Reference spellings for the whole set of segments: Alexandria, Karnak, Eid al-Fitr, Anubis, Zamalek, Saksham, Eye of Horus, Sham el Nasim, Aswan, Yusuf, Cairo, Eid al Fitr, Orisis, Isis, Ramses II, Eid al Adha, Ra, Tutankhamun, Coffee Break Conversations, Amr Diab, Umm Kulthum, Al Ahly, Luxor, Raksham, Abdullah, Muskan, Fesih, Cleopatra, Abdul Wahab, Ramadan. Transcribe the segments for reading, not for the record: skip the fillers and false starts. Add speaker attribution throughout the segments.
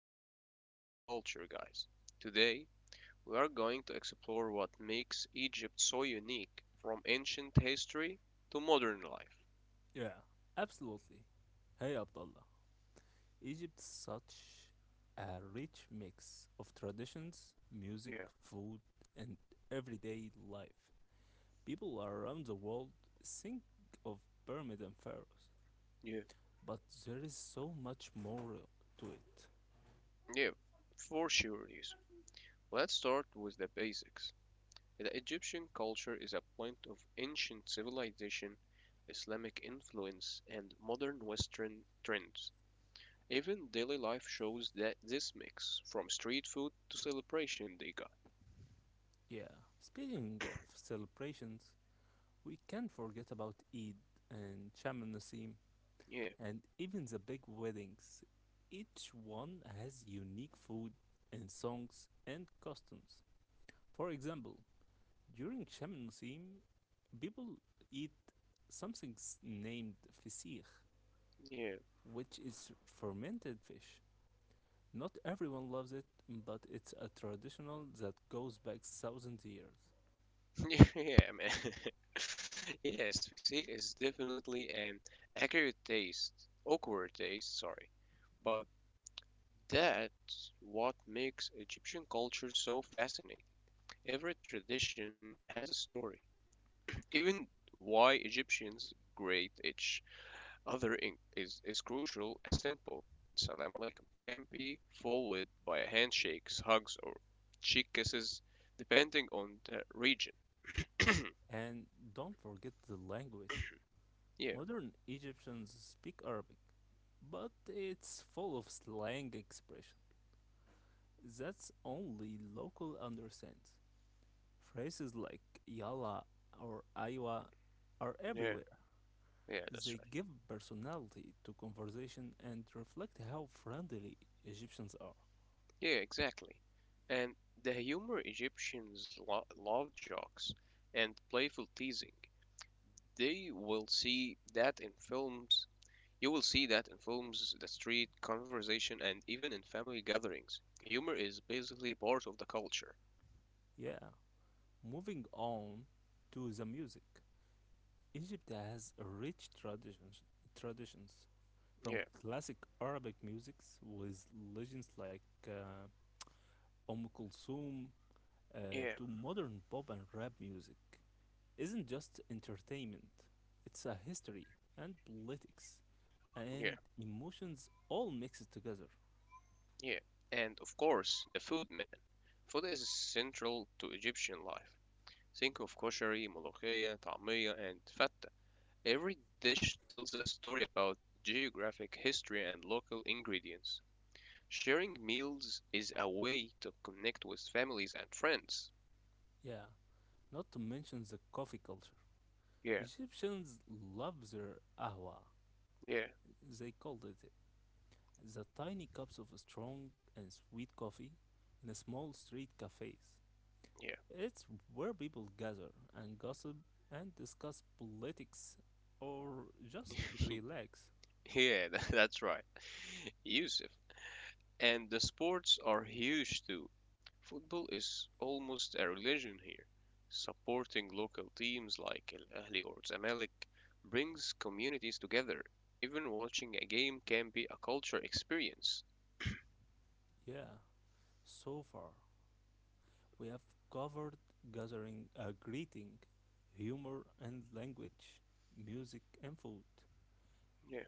Speaker 1: into Egyptian culture, guys. Today, we are going to explore what makes Egypt so unique from ancient history to modern life.
Speaker 2: Yeah, absolutely. Hey, Abdullah. Egypt is such a rich mix of traditions, music,
Speaker 1: Yeah,
Speaker 2: food, and everyday life. People around the world think of pyramid and pharaohs,
Speaker 1: yeah,
Speaker 2: but there is so much more to it.
Speaker 1: yeah, for sure, Yusuf. Let's start with the basics. The Egyptian culture is a blend of ancient civilization, Islamic influence, and modern Western trends. Even daily life shows that this mix, from street food to celebration day.
Speaker 2: Yeah, speaking of celebrations, we can't forget about Eid and Shaman Nassim,
Speaker 1: Yeah,
Speaker 2: and even the big weddings. Each one has unique food and songs and customs. For example, during Shamansim, people eat something named fisir,
Speaker 1: yeah,
Speaker 2: which is fermented fish. Not everyone loves it, but it's a traditional that goes back thousands of years.
Speaker 1: yeah, yeah, man. Yes, physique is definitely an accurate taste, awkward taste, sorry. But that's what makes Egyptian culture so fascinating. Every tradition has a story. Even why Egyptians grade each other is crucial. A simple salam alaikum can be followed by a handshakes, hugs, or cheek kisses, depending on the region.
Speaker 2: And don't forget the language.
Speaker 1: Yeah.
Speaker 2: Modern Egyptians speak Arabic, but it's full of slang expressions that's only local understand. Phrases like yalla or aywa are
Speaker 1: Yeah,
Speaker 2: everywhere.
Speaker 1: yeah, that's
Speaker 2: They
Speaker 1: right.
Speaker 2: give personality to conversation and reflect how friendly Egyptians are.
Speaker 1: Yeah, exactly. And the humor Egyptians loved jokes and playful teasing. They will see that in films. You will see that in films, the street conversation, and even in family gatherings. Humor is basically part of the culture.
Speaker 2: Yeah, moving on to the music. Egypt has rich traditions from
Speaker 1: Yeah,
Speaker 2: classic Arabic musics with legends like Kulthum, uh,
Speaker 1: yeah,
Speaker 2: to modern pop and rap music. Isn't just entertainment, it's a history and politics
Speaker 1: yeah,
Speaker 2: and emotions all mixed together.
Speaker 1: yeah. And of course, the food, man. Food is central to Egyptian life. Think of koshari, molokhia, ta'miya, and fat. Every dish tells a story about geographic history and local ingredients. Sharing meals is a way to connect with families and friends.
Speaker 2: Yeah, not to mention the coffee culture.
Speaker 1: Yeah,
Speaker 2: Egyptians love their ahwa,
Speaker 1: yeah,
Speaker 2: they called it, the tiny cups of strong and sweet coffee in a small street cafes.
Speaker 1: yeah.
Speaker 2: It's where people gather and gossip and discuss politics or just relax.
Speaker 1: yeah, that's right, Yusuf. And the sports are huge too. Football is almost a religion here. Supporting local teams like Al Ahly or Zamalek brings communities together. Even watching a game can be a culture experience.
Speaker 2: Yeah, so far we have covered gathering a greeting, humor and language, music and food.
Speaker 1: Yeah.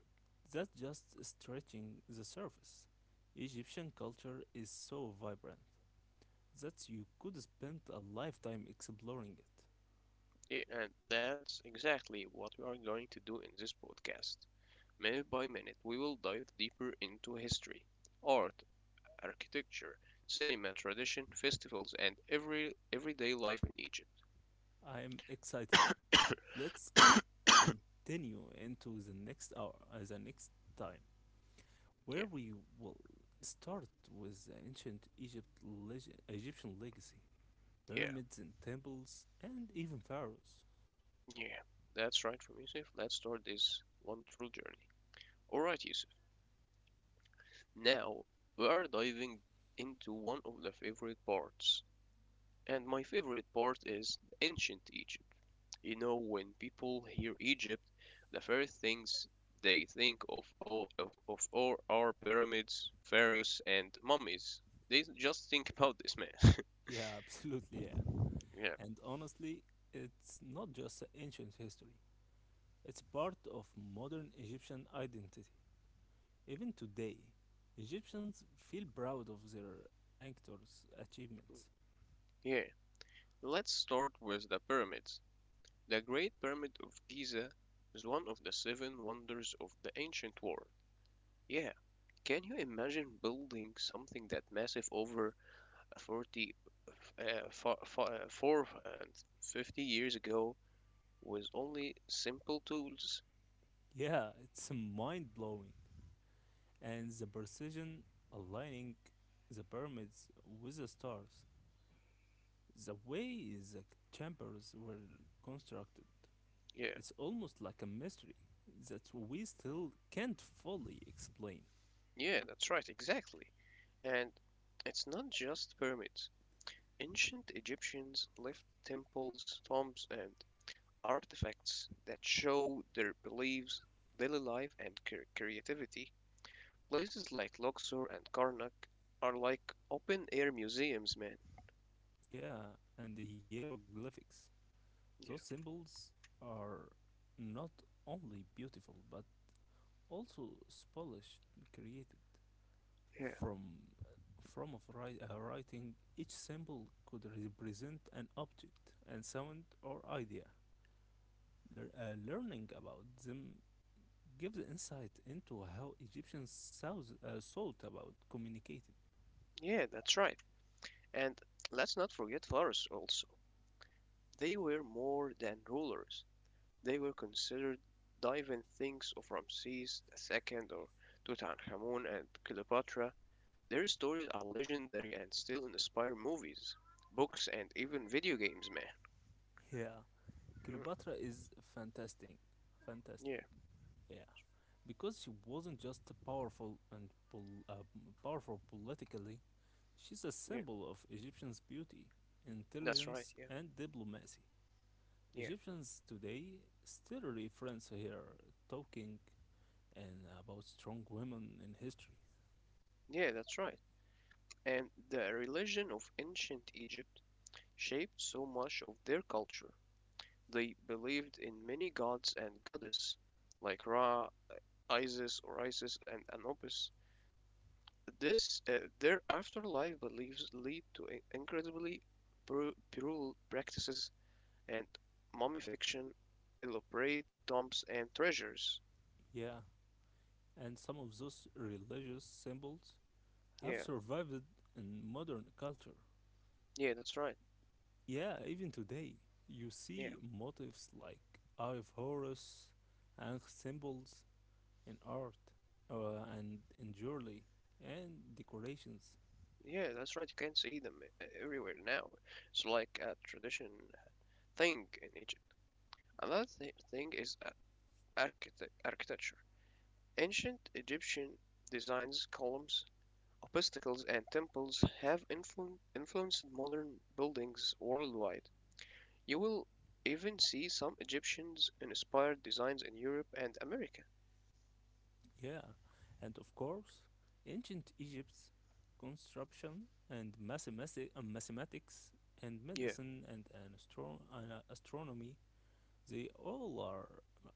Speaker 2: That's just stretching the surface. Egyptian culture is so vibrant that you could spend a lifetime exploring it.
Speaker 1: Yeah, and that's exactly what we are going to do in this podcast. Minute by minute, we will dive deeper into history, art, architecture, cinema, tradition, festivals, and everyday life in Egypt.
Speaker 2: I am excited. Let's continue into the next hour, the next time, where
Speaker 1: Yeah,
Speaker 2: we will start with the ancient Egypt Egyptian legacy.
Speaker 1: yeah,
Speaker 2: Pyramids and temples, and even pharaohs.
Speaker 1: yeah. That's right from Yusuf. Let's start this wonderful journey. Alright, Yusuf. Now we are diving into one of the favorite parts. And my favorite part is the ancient Egypt. You know, when people hear Egypt, the first things they think of all our pyramids, pharaohs, and mummies. They just think about this, man.
Speaker 2: Yeah, absolutely, yeah.
Speaker 1: Yeah,
Speaker 2: And honestly, it's not just ancient history, it's part of modern Egyptian identity. Even today, Egyptians feel proud of their actors' achievements.
Speaker 1: yeah. Let's start with the pyramids. The Great Pyramid of Giza is one of the seven wonders of the ancient world. Yeah, can you imagine building something that massive over 40, uh, fo- uh, 50 years ago with only simple tools?
Speaker 2: Yeah, it's mind blowing. And the precision aligning the pyramids with the stars, the way the chambers were constructed,
Speaker 1: Yeah,
Speaker 2: it's almost like a mystery that we still can't fully explain.
Speaker 1: yeah, that's right, exactly. And it's not just pyramids. Ancient Egyptians left temples, tombs, and artifacts that show their beliefs, daily life, and creativity. Places like Luxor and Karnak are like open air museums, man.
Speaker 2: Yeah, and the hieroglyphics. Those
Speaker 1: Yeah,
Speaker 2: symbols are not only beautiful but also spolished created
Speaker 1: yeah,
Speaker 2: from from writing, each symbol could represent an object and sound or idea. Learning about them gives insight into how egyptians thought about communicated.
Speaker 1: yeah, that's right. And let's not forget pharaohs also. They were more than rulers. They were considered divine things of Ramses II or Tutankhamun and Cleopatra. Their stories are legendary and still inspire movies, books, and even video games, man.
Speaker 2: Yeah,
Speaker 1: Mm,
Speaker 2: Cleopatra is fantastic. Fantastic.
Speaker 1: yeah,
Speaker 2: Yeah. Because she wasn't just powerful and powerful politically, she's a
Speaker 1: yeah,
Speaker 2: symbol of Egyptian's beauty,
Speaker 1: that's right,
Speaker 2: intelligence,
Speaker 1: yeah,
Speaker 2: and diplomacy.
Speaker 1: yeah,
Speaker 2: Egyptians today still reference her talking and about strong women in history.
Speaker 1: yeah, that's right. And the religion of ancient Egypt shaped so much of their culture. They believed in many gods and goddesses, like Ra, Isis, Orisis, and Anubis. This their afterlife beliefs lead to incredibly brutal practices and mummification, elaborate tombs and treasures.
Speaker 2: Yeah, and some of those religious symbols have
Speaker 1: Yeah,
Speaker 2: survived in modern culture.
Speaker 1: yeah, that's right.
Speaker 2: Yeah, even today, you
Speaker 1: Yeah,
Speaker 2: see motifs like Eye of Horus and symbols in art and in jewelry and decorations.
Speaker 1: yeah, that's right. You can see them everywhere now. It's like a tradition thing in Egypt. Another thing is architecture. Ancient Egyptian designs, columns, obstacles, and temples have influenced modern buildings worldwide. You will even see some Egyptians inspired designs in Europe and America.
Speaker 2: Yeah, and of course, ancient Egypt's construction and mathematics and
Speaker 1: Yeah,
Speaker 2: medicine and, an astro- and astronomy, they all are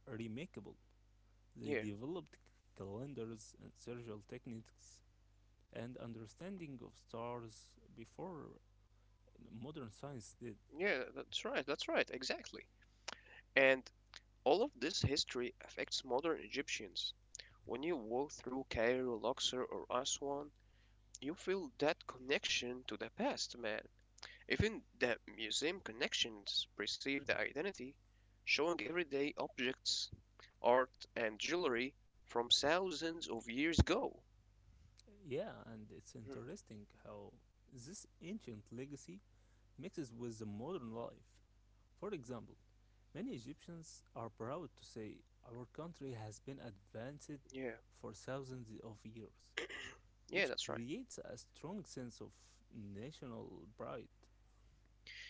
Speaker 2: remarkable. They
Speaker 1: yeah,
Speaker 2: developed calendars and surgical techniques and understanding of stars before modern science did.
Speaker 1: yeah, that's right, exactly. And all of this history affects modern Egyptians. When you walk through Cairo, Luxor, or Aswan, you feel that connection to the past, man. Even the museum connections perceive the identity, showing everyday objects, art, and jewelry from thousands of years ago.
Speaker 2: Yeah, and it's
Speaker 1: Mhm,
Speaker 2: interesting how this ancient legacy mixes with the modern life. For example, many Egyptians are proud to say our country has been advanced
Speaker 1: yeah,
Speaker 2: for thousands of years,
Speaker 1: yeah,
Speaker 2: which
Speaker 1: that's right.
Speaker 2: creates a strong sense of national pride.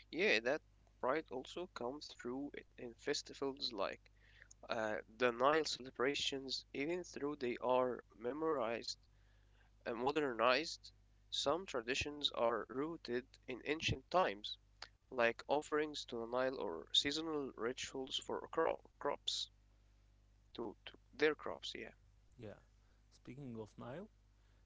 Speaker 1: Yeah, that pride also comes through it in festivals like the Nile celebrations, even though they are memorized and modernized, some traditions are rooted in ancient times, like offerings to the Nile or seasonal rituals for crops, to their crops, yeah.
Speaker 2: Yeah, speaking of Nile,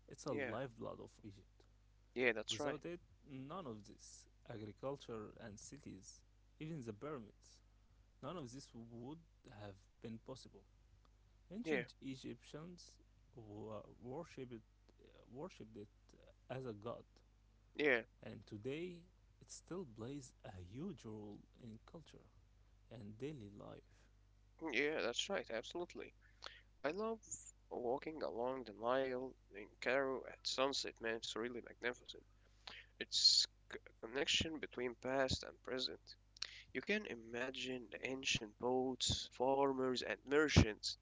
Speaker 2: it's a
Speaker 1: Yeah,
Speaker 2: lifeblood of Egypt.
Speaker 1: yeah, that's right.
Speaker 2: Without it, none of this agriculture and cities, even the pyramids, none of this would have been possible.
Speaker 1: Yeah,
Speaker 2: Ancient Egyptians worshipped it as a god,
Speaker 1: yeah,
Speaker 2: and today it still plays a huge role in culture and daily life.
Speaker 1: yeah, that's right, absolutely. I love walking along the Nile in Cairo at sunset, man. It's really magnificent. It's connection between past and present. You can imagine the ancient boats, farmers, and merchants,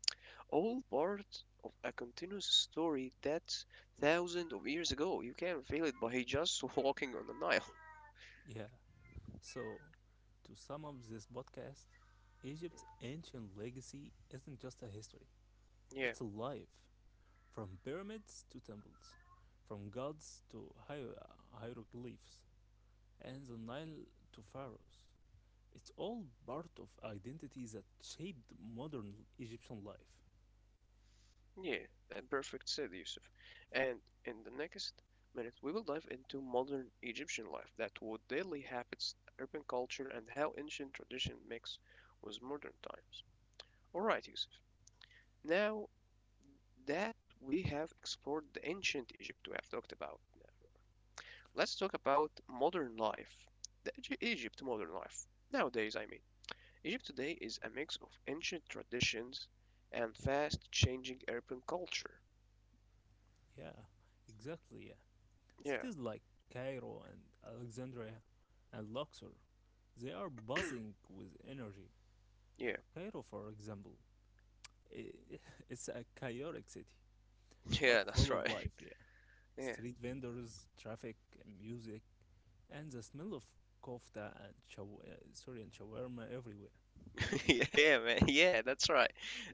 Speaker 1: all part of a continuous story that's thousands of years ago. You can feel it by just walking on the Nile.
Speaker 2: Yeah, so to sum up this podcast, Egypt's ancient legacy isn't just a history,
Speaker 1: Yeah,
Speaker 2: it's alive. From pyramids to temples, from gods to hieroglyphs, and the Nile to pharaohs. It's all part of identities that shaped modern Egyptian life.
Speaker 1: yeah, that perfect said Yusuf. And in the next minute, we will dive into modern Egyptian life, that what daily habits, urban culture, and how ancient tradition mix with modern times. All right, Yusuf. Now that we have explored the ancient Egypt we have talked about now, let's talk about modern life. The Egypt modern life. Nowadays, I mean. Egypt today is a mix of ancient traditions and fast changing urban culture.
Speaker 2: Yeah, exactly. Yeah.
Speaker 1: Yeah,
Speaker 2: Cities like Cairo and Alexandria and Luxor, they are buzzing with energy.
Speaker 1: yeah.
Speaker 2: Cairo, for example, i- it's a chaotic city, but
Speaker 1: Yeah,
Speaker 2: full
Speaker 1: that's
Speaker 2: of
Speaker 1: right.
Speaker 2: life. Yeah,
Speaker 1: Yeah.
Speaker 2: street vendors, traffic, and music, and the smell of kofta and shaw- sorry and shawarma everywhere.
Speaker 1: Yeah, man. Yeah, that's right.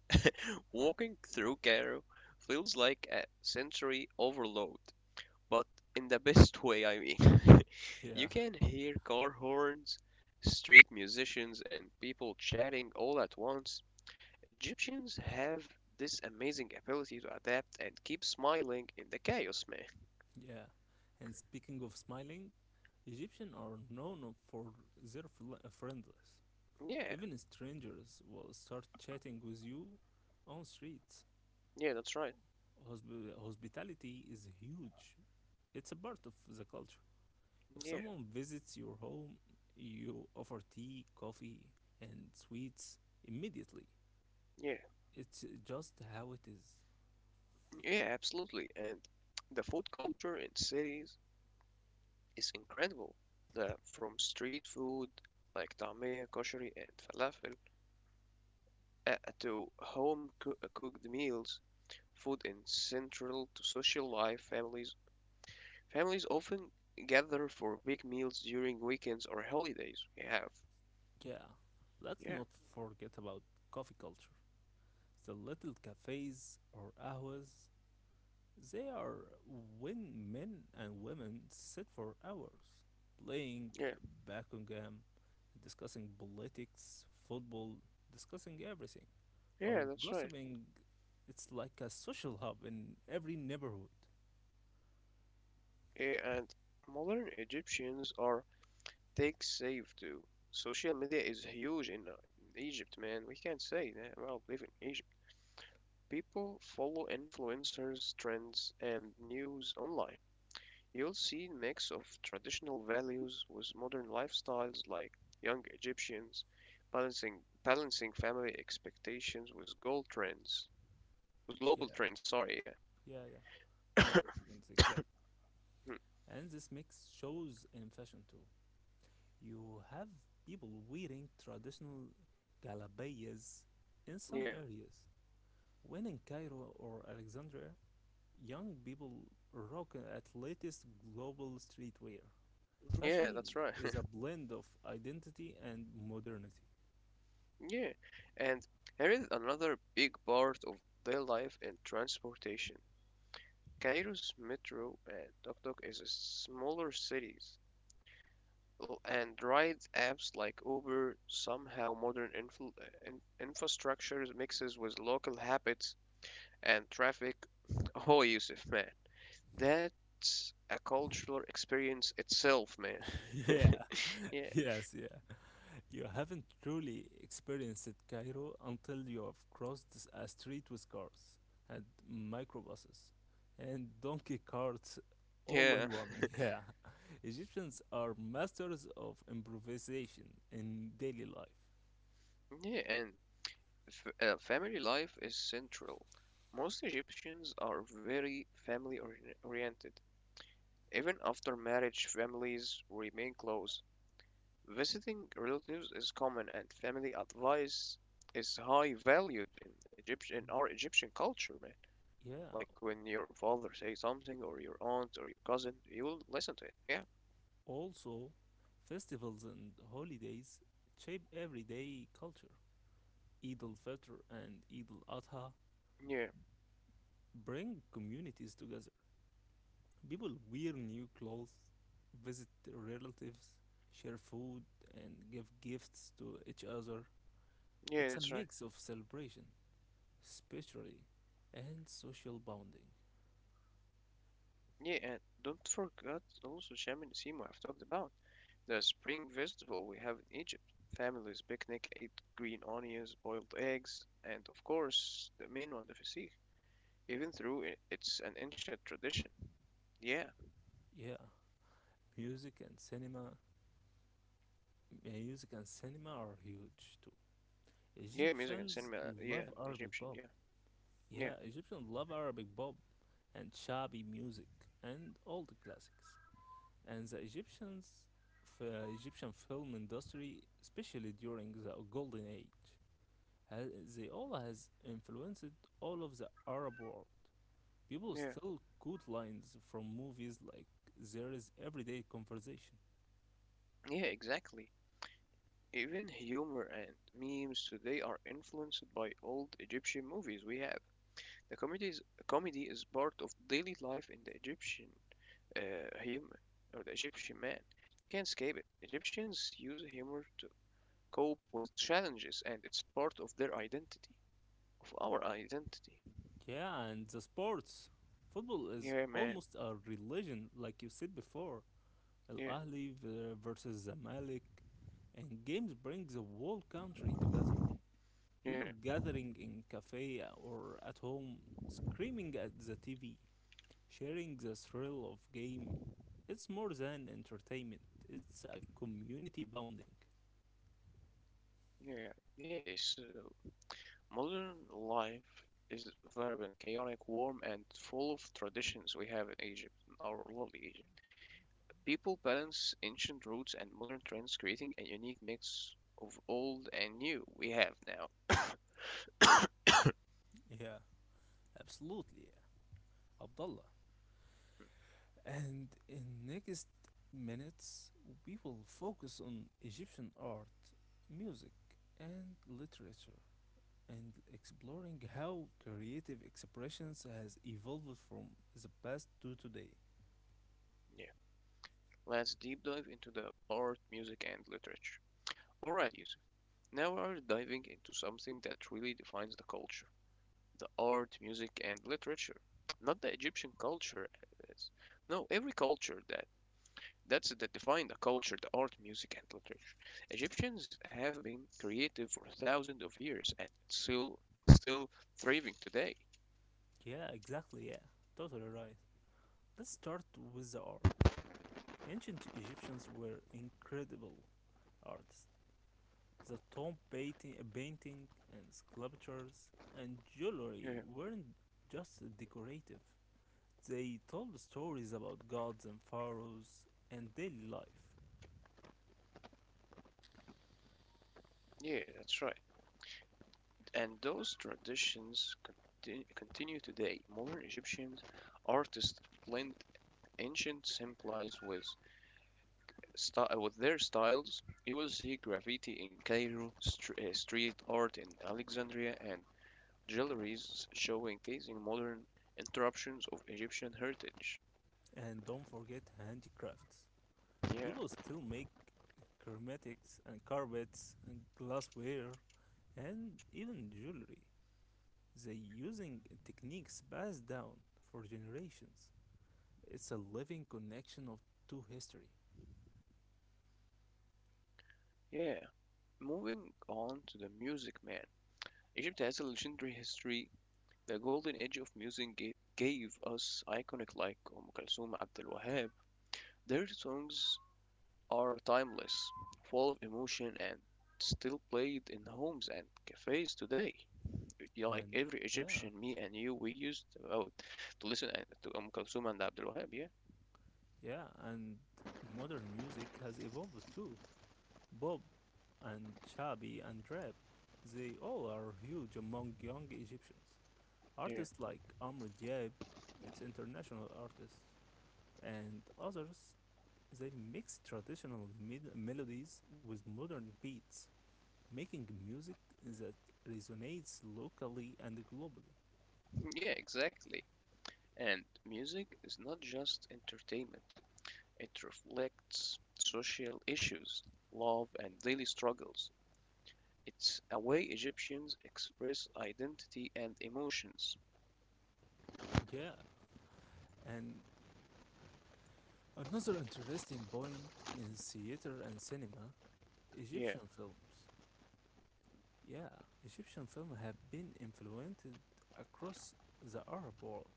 Speaker 1: Walking through Cairo feels like a sensory overload, but in the best way, I mean. You
Speaker 2: Yeah.
Speaker 1: can hear car horns, street musicians, and people chatting all at once. Egyptians have this amazing ability to adapt and keep smiling in the chaos, man.
Speaker 2: Yeah. And speaking of smiling, Egyptians are known for their friendliness.
Speaker 1: Yeah,
Speaker 2: Even strangers will start chatting with you on streets.
Speaker 1: yeah, that's right.
Speaker 2: Hospitality is huge. It's a part of the culture. If
Speaker 1: Yeah,
Speaker 2: someone visits your home, you offer tea, coffee, and sweets immediately.
Speaker 1: yeah,
Speaker 2: It's just how it is.
Speaker 1: yeah, absolutely. And the food culture in cities is incredible. The From street food like طعمية, koshari, and falafel, uh, to home cooked meals, food is central to social life. Families often gather for big meals during weekends or holidays. We have.
Speaker 2: Yeah, let's
Speaker 1: Yeah,
Speaker 2: not forget about coffee culture. The little cafes or ahwas, they are when men and women sit for hours playing
Speaker 1: yeah,
Speaker 2: backgammon, discussing politics, football, discussing everything, or
Speaker 1: yeah, that's right.
Speaker 2: gossiping. It's like a social hub in every neighborhood.
Speaker 1: Yeah, and modern Egyptians are tech savvy too. Social media is huge in Egypt, man. We can't say that. Well, live in Egypt. People follow influencers, trends, and news online. You'll see a mix of traditional values with modern lifestyles like young Egyptians balancing balancing family expectations with goal trends. With
Speaker 2: Yeah,
Speaker 1: global trends, sorry, yeah.
Speaker 2: yeah. Global trends, exactly. And this makes shows in fashion too. You have people wearing traditional galabayas in some
Speaker 1: Yeah.
Speaker 2: areas. When in Cairo or Alexandria, young people rock at latest global streetwear.
Speaker 1: Yeah,
Speaker 2: Fashion
Speaker 1: that's right.
Speaker 2: is a blend of identity and modernity.
Speaker 1: Yeah. And here is another big part of their life in transportation. Cairo's metro and Tok Tok is a smaller cities. And ride apps like Uber somehow modern infrastructure mixes with local habits and traffic. Oh, Yusuf, man, that's a cultural experience itself, man.
Speaker 2: yeah,
Speaker 1: Yeah,
Speaker 2: yes, yeah. You haven't truly experienced Cairo until you have crossed a street with cars and microbuses and donkey carts all
Speaker 1: yeah,
Speaker 2: in one. Yeah. Egyptians are masters of improvisation in daily life.
Speaker 1: yeah. And family life is central. Most Egyptians are very family oriented. Even after marriage, families remain close. Visiting relatives is common and family advice is high valued in Egypt in our Egyptian culture, man.
Speaker 2: Yeah.
Speaker 1: Like when your father says something or your aunt or your cousin, you will listen to it. Yeah.
Speaker 2: Also, festivals and holidays shape everyday culture. Eid al Fitr and Eid al Adha
Speaker 1: Yeah.
Speaker 2: bring communities together. People wear new clothes, visit relatives, share food, and give gifts to each other.
Speaker 1: Yeah,
Speaker 2: It's a
Speaker 1: that's right.
Speaker 2: mix of celebration, especially, and social bonding.
Speaker 1: Yeah, and don't forget also Shaman Sima I've talked about. The spring festival we have in Egypt. Families picnic, eat green onions, boiled eggs, and of course the main one, the Fesih. Even through it's an ancient tradition. Yeah,
Speaker 2: Yeah, music and cinema. Music and cinema are huge too.
Speaker 1: yeah, music and
Speaker 2: Egyptians
Speaker 1: cinema. Yeah,
Speaker 2: love
Speaker 1: and
Speaker 2: Arabic
Speaker 1: Egyptian.
Speaker 2: pop.
Speaker 1: Yeah, yeah,
Speaker 2: Yeah, Egyptians love Arabic pop and shabby music and all the classics. And the Egyptian film industry, especially during the Golden Age, they all has influenced all of the Arab world. People
Speaker 1: yeah,
Speaker 2: still quote lines from movies like there is everyday conversation.
Speaker 1: yeah. Exactly. Even humor and memes today are influenced by old Egyptian movies. We have the comedy is part of daily life in the Egyptian, uh, human, or the Egyptian man. You can't escape it. Egyptians use humor to cope with challenges, and it's part of their identity, of our identity.
Speaker 2: Yeah, and the sports. Football is
Speaker 1: Yeah, man.
Speaker 2: almost a religion, like you said before. Al
Speaker 1: Yeah,
Speaker 2: Ahly versus Zamalek, and games bring the whole country together. People
Speaker 1: yeah,
Speaker 2: gathering in cafe or at home, screaming at the TV, sharing the thrill of game. It's more than entertainment. It's a community bonding.
Speaker 1: yeah. Yeah, so modern life is vibrant, chaotic, warm, and full of traditions we have in Egypt, in our lovely Egypt. People balance ancient roots and modern trends, creating a unique mix of old and new we have now.
Speaker 2: Yeah, absolutely, Abdullah.
Speaker 1: Hmm,
Speaker 2: And in next minutes, we will focus on Egyptian art, music, and literature, and exploring how creative expressions has evolved from the past to today.
Speaker 1: yeah. Let's deep dive into the art, music, and literature. Alright, Yusuf. Now we are diving into something that really defines the culture, the art, music, and literature. Not the Egyptian culture. as- No, every culture. That defined the culture, the art, music, and literature. Egyptians have been creative for thousands of years and still thriving today.
Speaker 2: Yeah, exactly. Yeah, totally right. Let's start with the art. Ancient Egyptians were incredible artists. The tomb painting and sculptures and jewelry
Speaker 1: Yeah,
Speaker 2: weren't just decorative. They told stories about gods and pharaohs and daily life.
Speaker 1: yeah, that's right. And those traditions continue today. Modern Egyptian artists blend ancient symbols with with their styles. You will see graffiti in Cairo, street art in Alexandria, and galleries showcasing modern interruptions of Egyptian heritage.
Speaker 2: And don't forget handicrafts.
Speaker 1: Yeah,
Speaker 2: People still make ceramics and carpets and glassware and even jewelry. They using techniques passed down for generations. It's a living connection of to history.
Speaker 1: yeah. Moving on to the Music Man. Egypt has a legendary history. The golden age of music gave us iconic like Kulthum, Abdul Wahab. Their songs are timeless, full of emotion, and still played in homes and cafes today. Yeah, like
Speaker 2: And
Speaker 1: every
Speaker 2: yeah,
Speaker 1: Egyptian, me and you, we used to listen to Kulthum and Abdul Wahab. Yeah,
Speaker 2: yeah, and modern music has evolved too. Bob and Chabi and Rap, they all are huge among young Egyptians.
Speaker 1: yeah,
Speaker 2: Artists like Amr Diab, it's international artists, and others, they mix traditional melodies with modern beats, making music that resonates locally and globally.
Speaker 1: yeah, exactly. And music is not just entertainment. It reflects social issues, love, and daily struggles. It's a way Egyptians express identity and emotions.
Speaker 2: Yeah. And another interesting point in theater and cinema
Speaker 1: Yeah,
Speaker 2: Egyptian films. Yeah, Egyptian films have been influenced across the Arab world.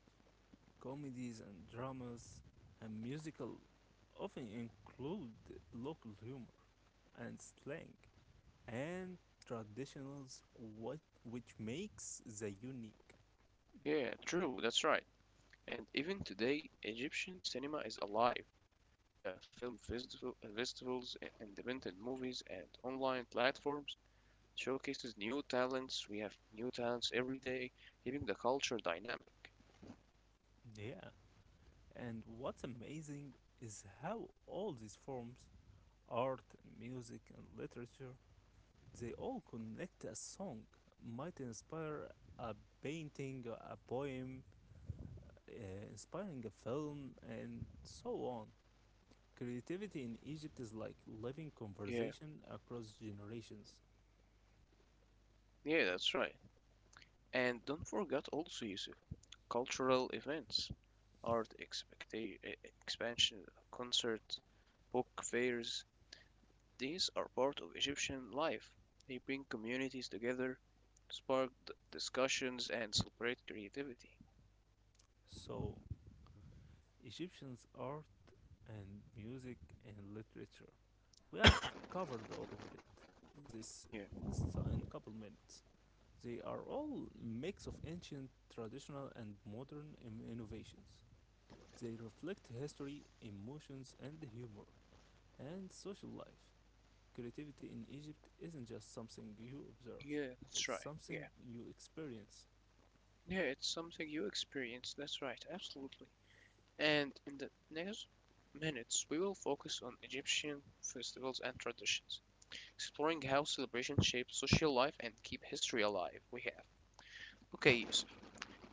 Speaker 2: Comedies and dramas and musical often include local humor and slang and traditionals what which makes the unique.
Speaker 1: yeah, true, that's right. And even today, Egyptian cinema is alive. The festivals, independent movies, and online platforms showcases new talents. We have new talents every day, keeping the culture dynamic.
Speaker 2: Yeah. And what's amazing is how all these forms art, music, and literature they all connect a song, might inspire a painting, a poem, uh, inspiring a film, and so on. Creativity in Egypt is like living
Speaker 1: Yeah,
Speaker 2: conversation across generations.
Speaker 1: yeah, that's right. And don't forget also, Yusuf, cultural events. Art expansion, concert, book fairs. These are part of Egyptian life. They bring communities together, spark discussions, and celebrate creativity.
Speaker 2: So, Egyptians' art and music and literature. We have covered all of it this
Speaker 1: Yeah,
Speaker 2: in a couple minutes. They are all mix of ancient, traditional, and modern innovations. They reflect history, emotions, and humor, and social life. Creativity in Egypt isn't just something you observe,
Speaker 1: yeah, that's
Speaker 2: it's
Speaker 1: right. Yeah,
Speaker 2: something you experience.
Speaker 1: yeah, it's something you experience. That's right, absolutely. And in the next minutes, we will focus on Egyptian festivals and traditions, exploring how celebrations shape social life and keep history alive. We have. Okay,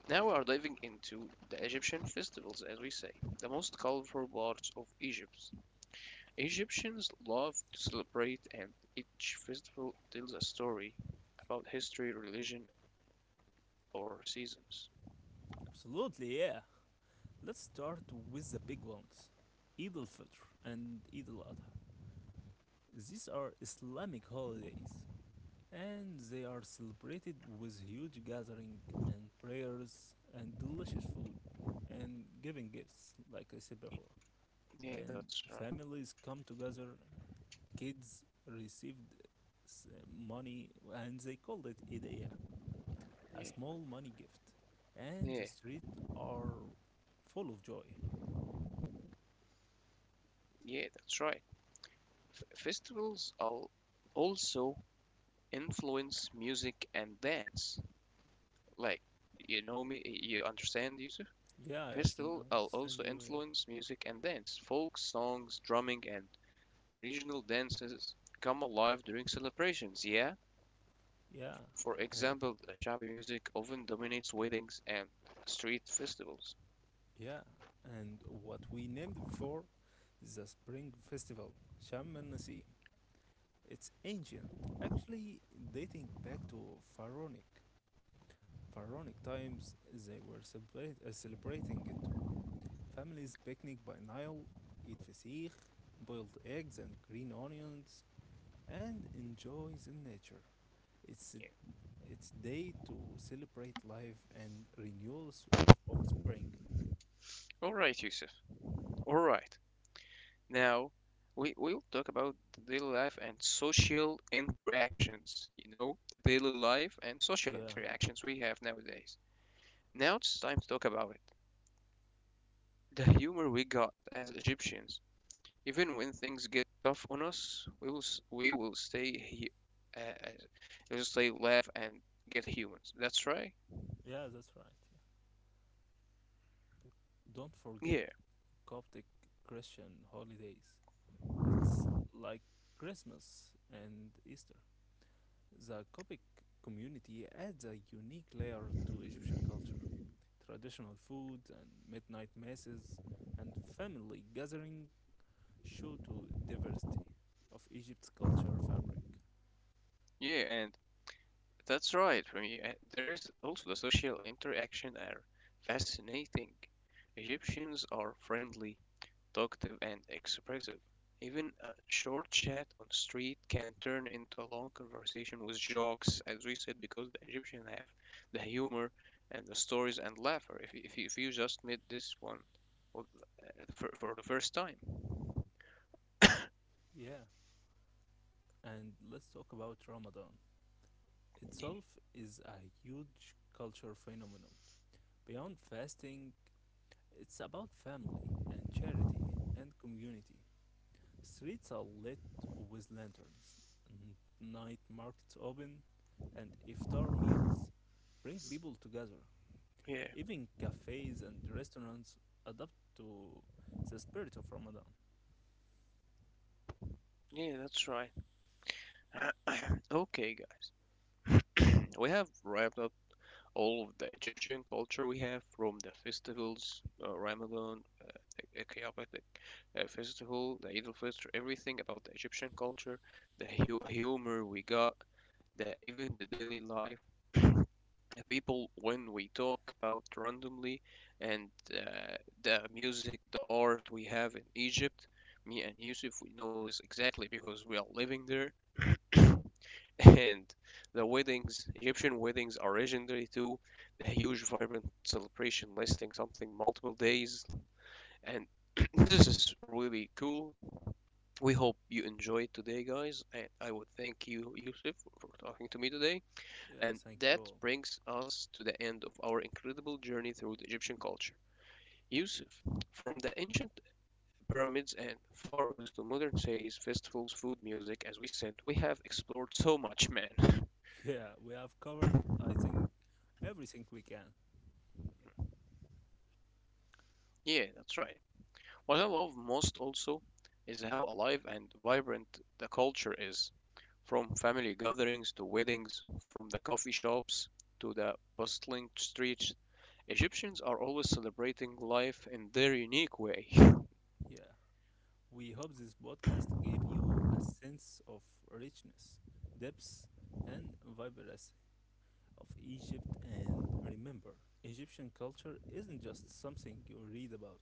Speaker 1: now we are diving into the Egyptian festivals, as we say, the most colorful parts of Egypt. Egyptians love to celebrate, and each festival tells a story about history, religion, or seasons.
Speaker 2: Absolutely, yeah. Let's start with the big ones Eid al Fitr and Eid al Adha. These are Islamic holidays and they are celebrated with huge gathering and prayers and delicious food and giving gifts like I said before,
Speaker 1: Yeah,
Speaker 2: and
Speaker 1: that's right.
Speaker 2: families come together and kids received s- money and they called it idea, a
Speaker 1: Yeah,
Speaker 2: small money gift, and
Speaker 1: yeah,
Speaker 2: the streets are full of joy.
Speaker 1: yeah, that's right. Festivals also influence music and dance. Like, you know me, you understand, Yusuf?
Speaker 2: Yeah, I understand,
Speaker 1: Festival also
Speaker 2: understand you.
Speaker 1: influence music and dance. Folk songs, drumming, and regional dances come alive during celebrations, yeah?
Speaker 2: yeah
Speaker 1: For
Speaker 2: yeah uh,
Speaker 1: example, the shabby music often dominates weddings and street festivals.
Speaker 2: yeah And what we named before, the Spring Festival, Sham el Nasim. It's ancient, actually dating back to pharaonic. Pharaonic times, they were celebrating it too. Families picnic by Nile, eat fasikh, boiled eggs and green onions, and enjoy the nature. It's
Speaker 1: Yeah.
Speaker 2: it's day to celebrate life and renewals of spring.
Speaker 1: All right, Yusuf. All right. Now, we'll talk about the daily life and social interactions. You know, the daily life and social
Speaker 2: Yeah,
Speaker 1: interactions we have nowadays. Now it's time to talk about it. The humor we got as Egyptians, even when things get tough on us, we will stay he- uh, uh, we'll stay laugh and get humans. That's right.
Speaker 2: yeah, that's right. Yeah. Don't forget
Speaker 1: Yeah,
Speaker 2: Coptic Christian holidays. It's like Christmas and Easter. The Coptic community adds a unique layer to Egyptian culture. Traditional food and midnight masses and family gathering show to diversity of Egypt's culture fabric.
Speaker 1: yeah, and that's right. For me, there is also the social interaction are fascinating. Egyptians are friendly, talkative and expressive. Even a short chat on the street can turn into a long conversation with jokes, as we said, because the Egyptians have the humor and the stories and laughter. If you just met this one for the first time.
Speaker 2: Yeah, and let's talk about Ramadan. Itself is a huge culture phenomenon. Beyond fasting, it's about family and charity and community. Streets are lit with lanterns, night markets open, and iftar meals bring people together.
Speaker 1: Yeah,
Speaker 2: Even cafes and restaurants adapt to the spirit of Ramadan.
Speaker 1: yeah, that's right. Okay, guys, we have wrapped up all of the Egyptian culture we have from the festivals, Ramadan, chaotic festival, the Eid al-Fitr, everything about the Egyptian culture, the hu humor we got, the even the daily life, the people when we talk about randomly, and the music, the art we have in Egypt. Me and Yusuf, we know this exactly because we are living there. And the weddings, Egyptian weddings are legendary too. The huge, vibrant celebration lasting something multiple days, and this is really cool. We hope you enjoyed today, guys. And I would thank you, Yusuf, for talking to me today.
Speaker 2: Yeah,
Speaker 1: And
Speaker 2: thank you all.
Speaker 1: that brings us to the end of our incredible journey through the Egyptian culture. Yusuf, from the ancient pyramids and pharaohs to modern cities, festivals, food, music, as we said, we have explored so much, man.
Speaker 2: Yeah, we have covered, I think, everything we can.
Speaker 1: Yeah, that's right. What I love most also is how alive and vibrant the culture is. From family gatherings to weddings, from the coffee shops to the bustling streets, Egyptians are always celebrating life in their unique way.
Speaker 2: Yeah, we hope this podcast gave you a sense of richness, depth, and vibrancy of Egypt. And remember, Egyptian culture isn't just something you read about,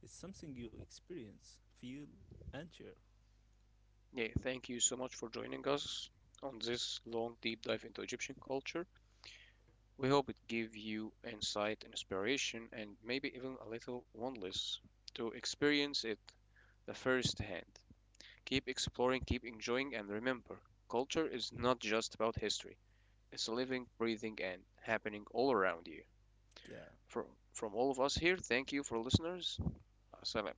Speaker 2: it's something you experience, feel, and share.
Speaker 1: Yeah, thank you so much for joining us on this long deep dive into Egyptian culture. We hope it gave you insight, inspiration, and maybe even a little oneness to experience it the first hand. Keep exploring, keep enjoying, and remember, culture is not just about history. It's living, breathing, and happening all around you.
Speaker 2: Yeah.
Speaker 1: From, from all of us here, thank you for listeners. Assalam.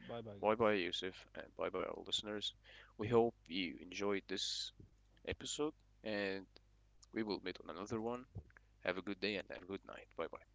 Speaker 2: Bye bye,
Speaker 1: Bye
Speaker 2: guys.
Speaker 1: bye, Yusuf, and bye bye, all listeners. We hope you enjoyed this episode, and we will meet on another one. Have a good day and have a good night. Bye bye.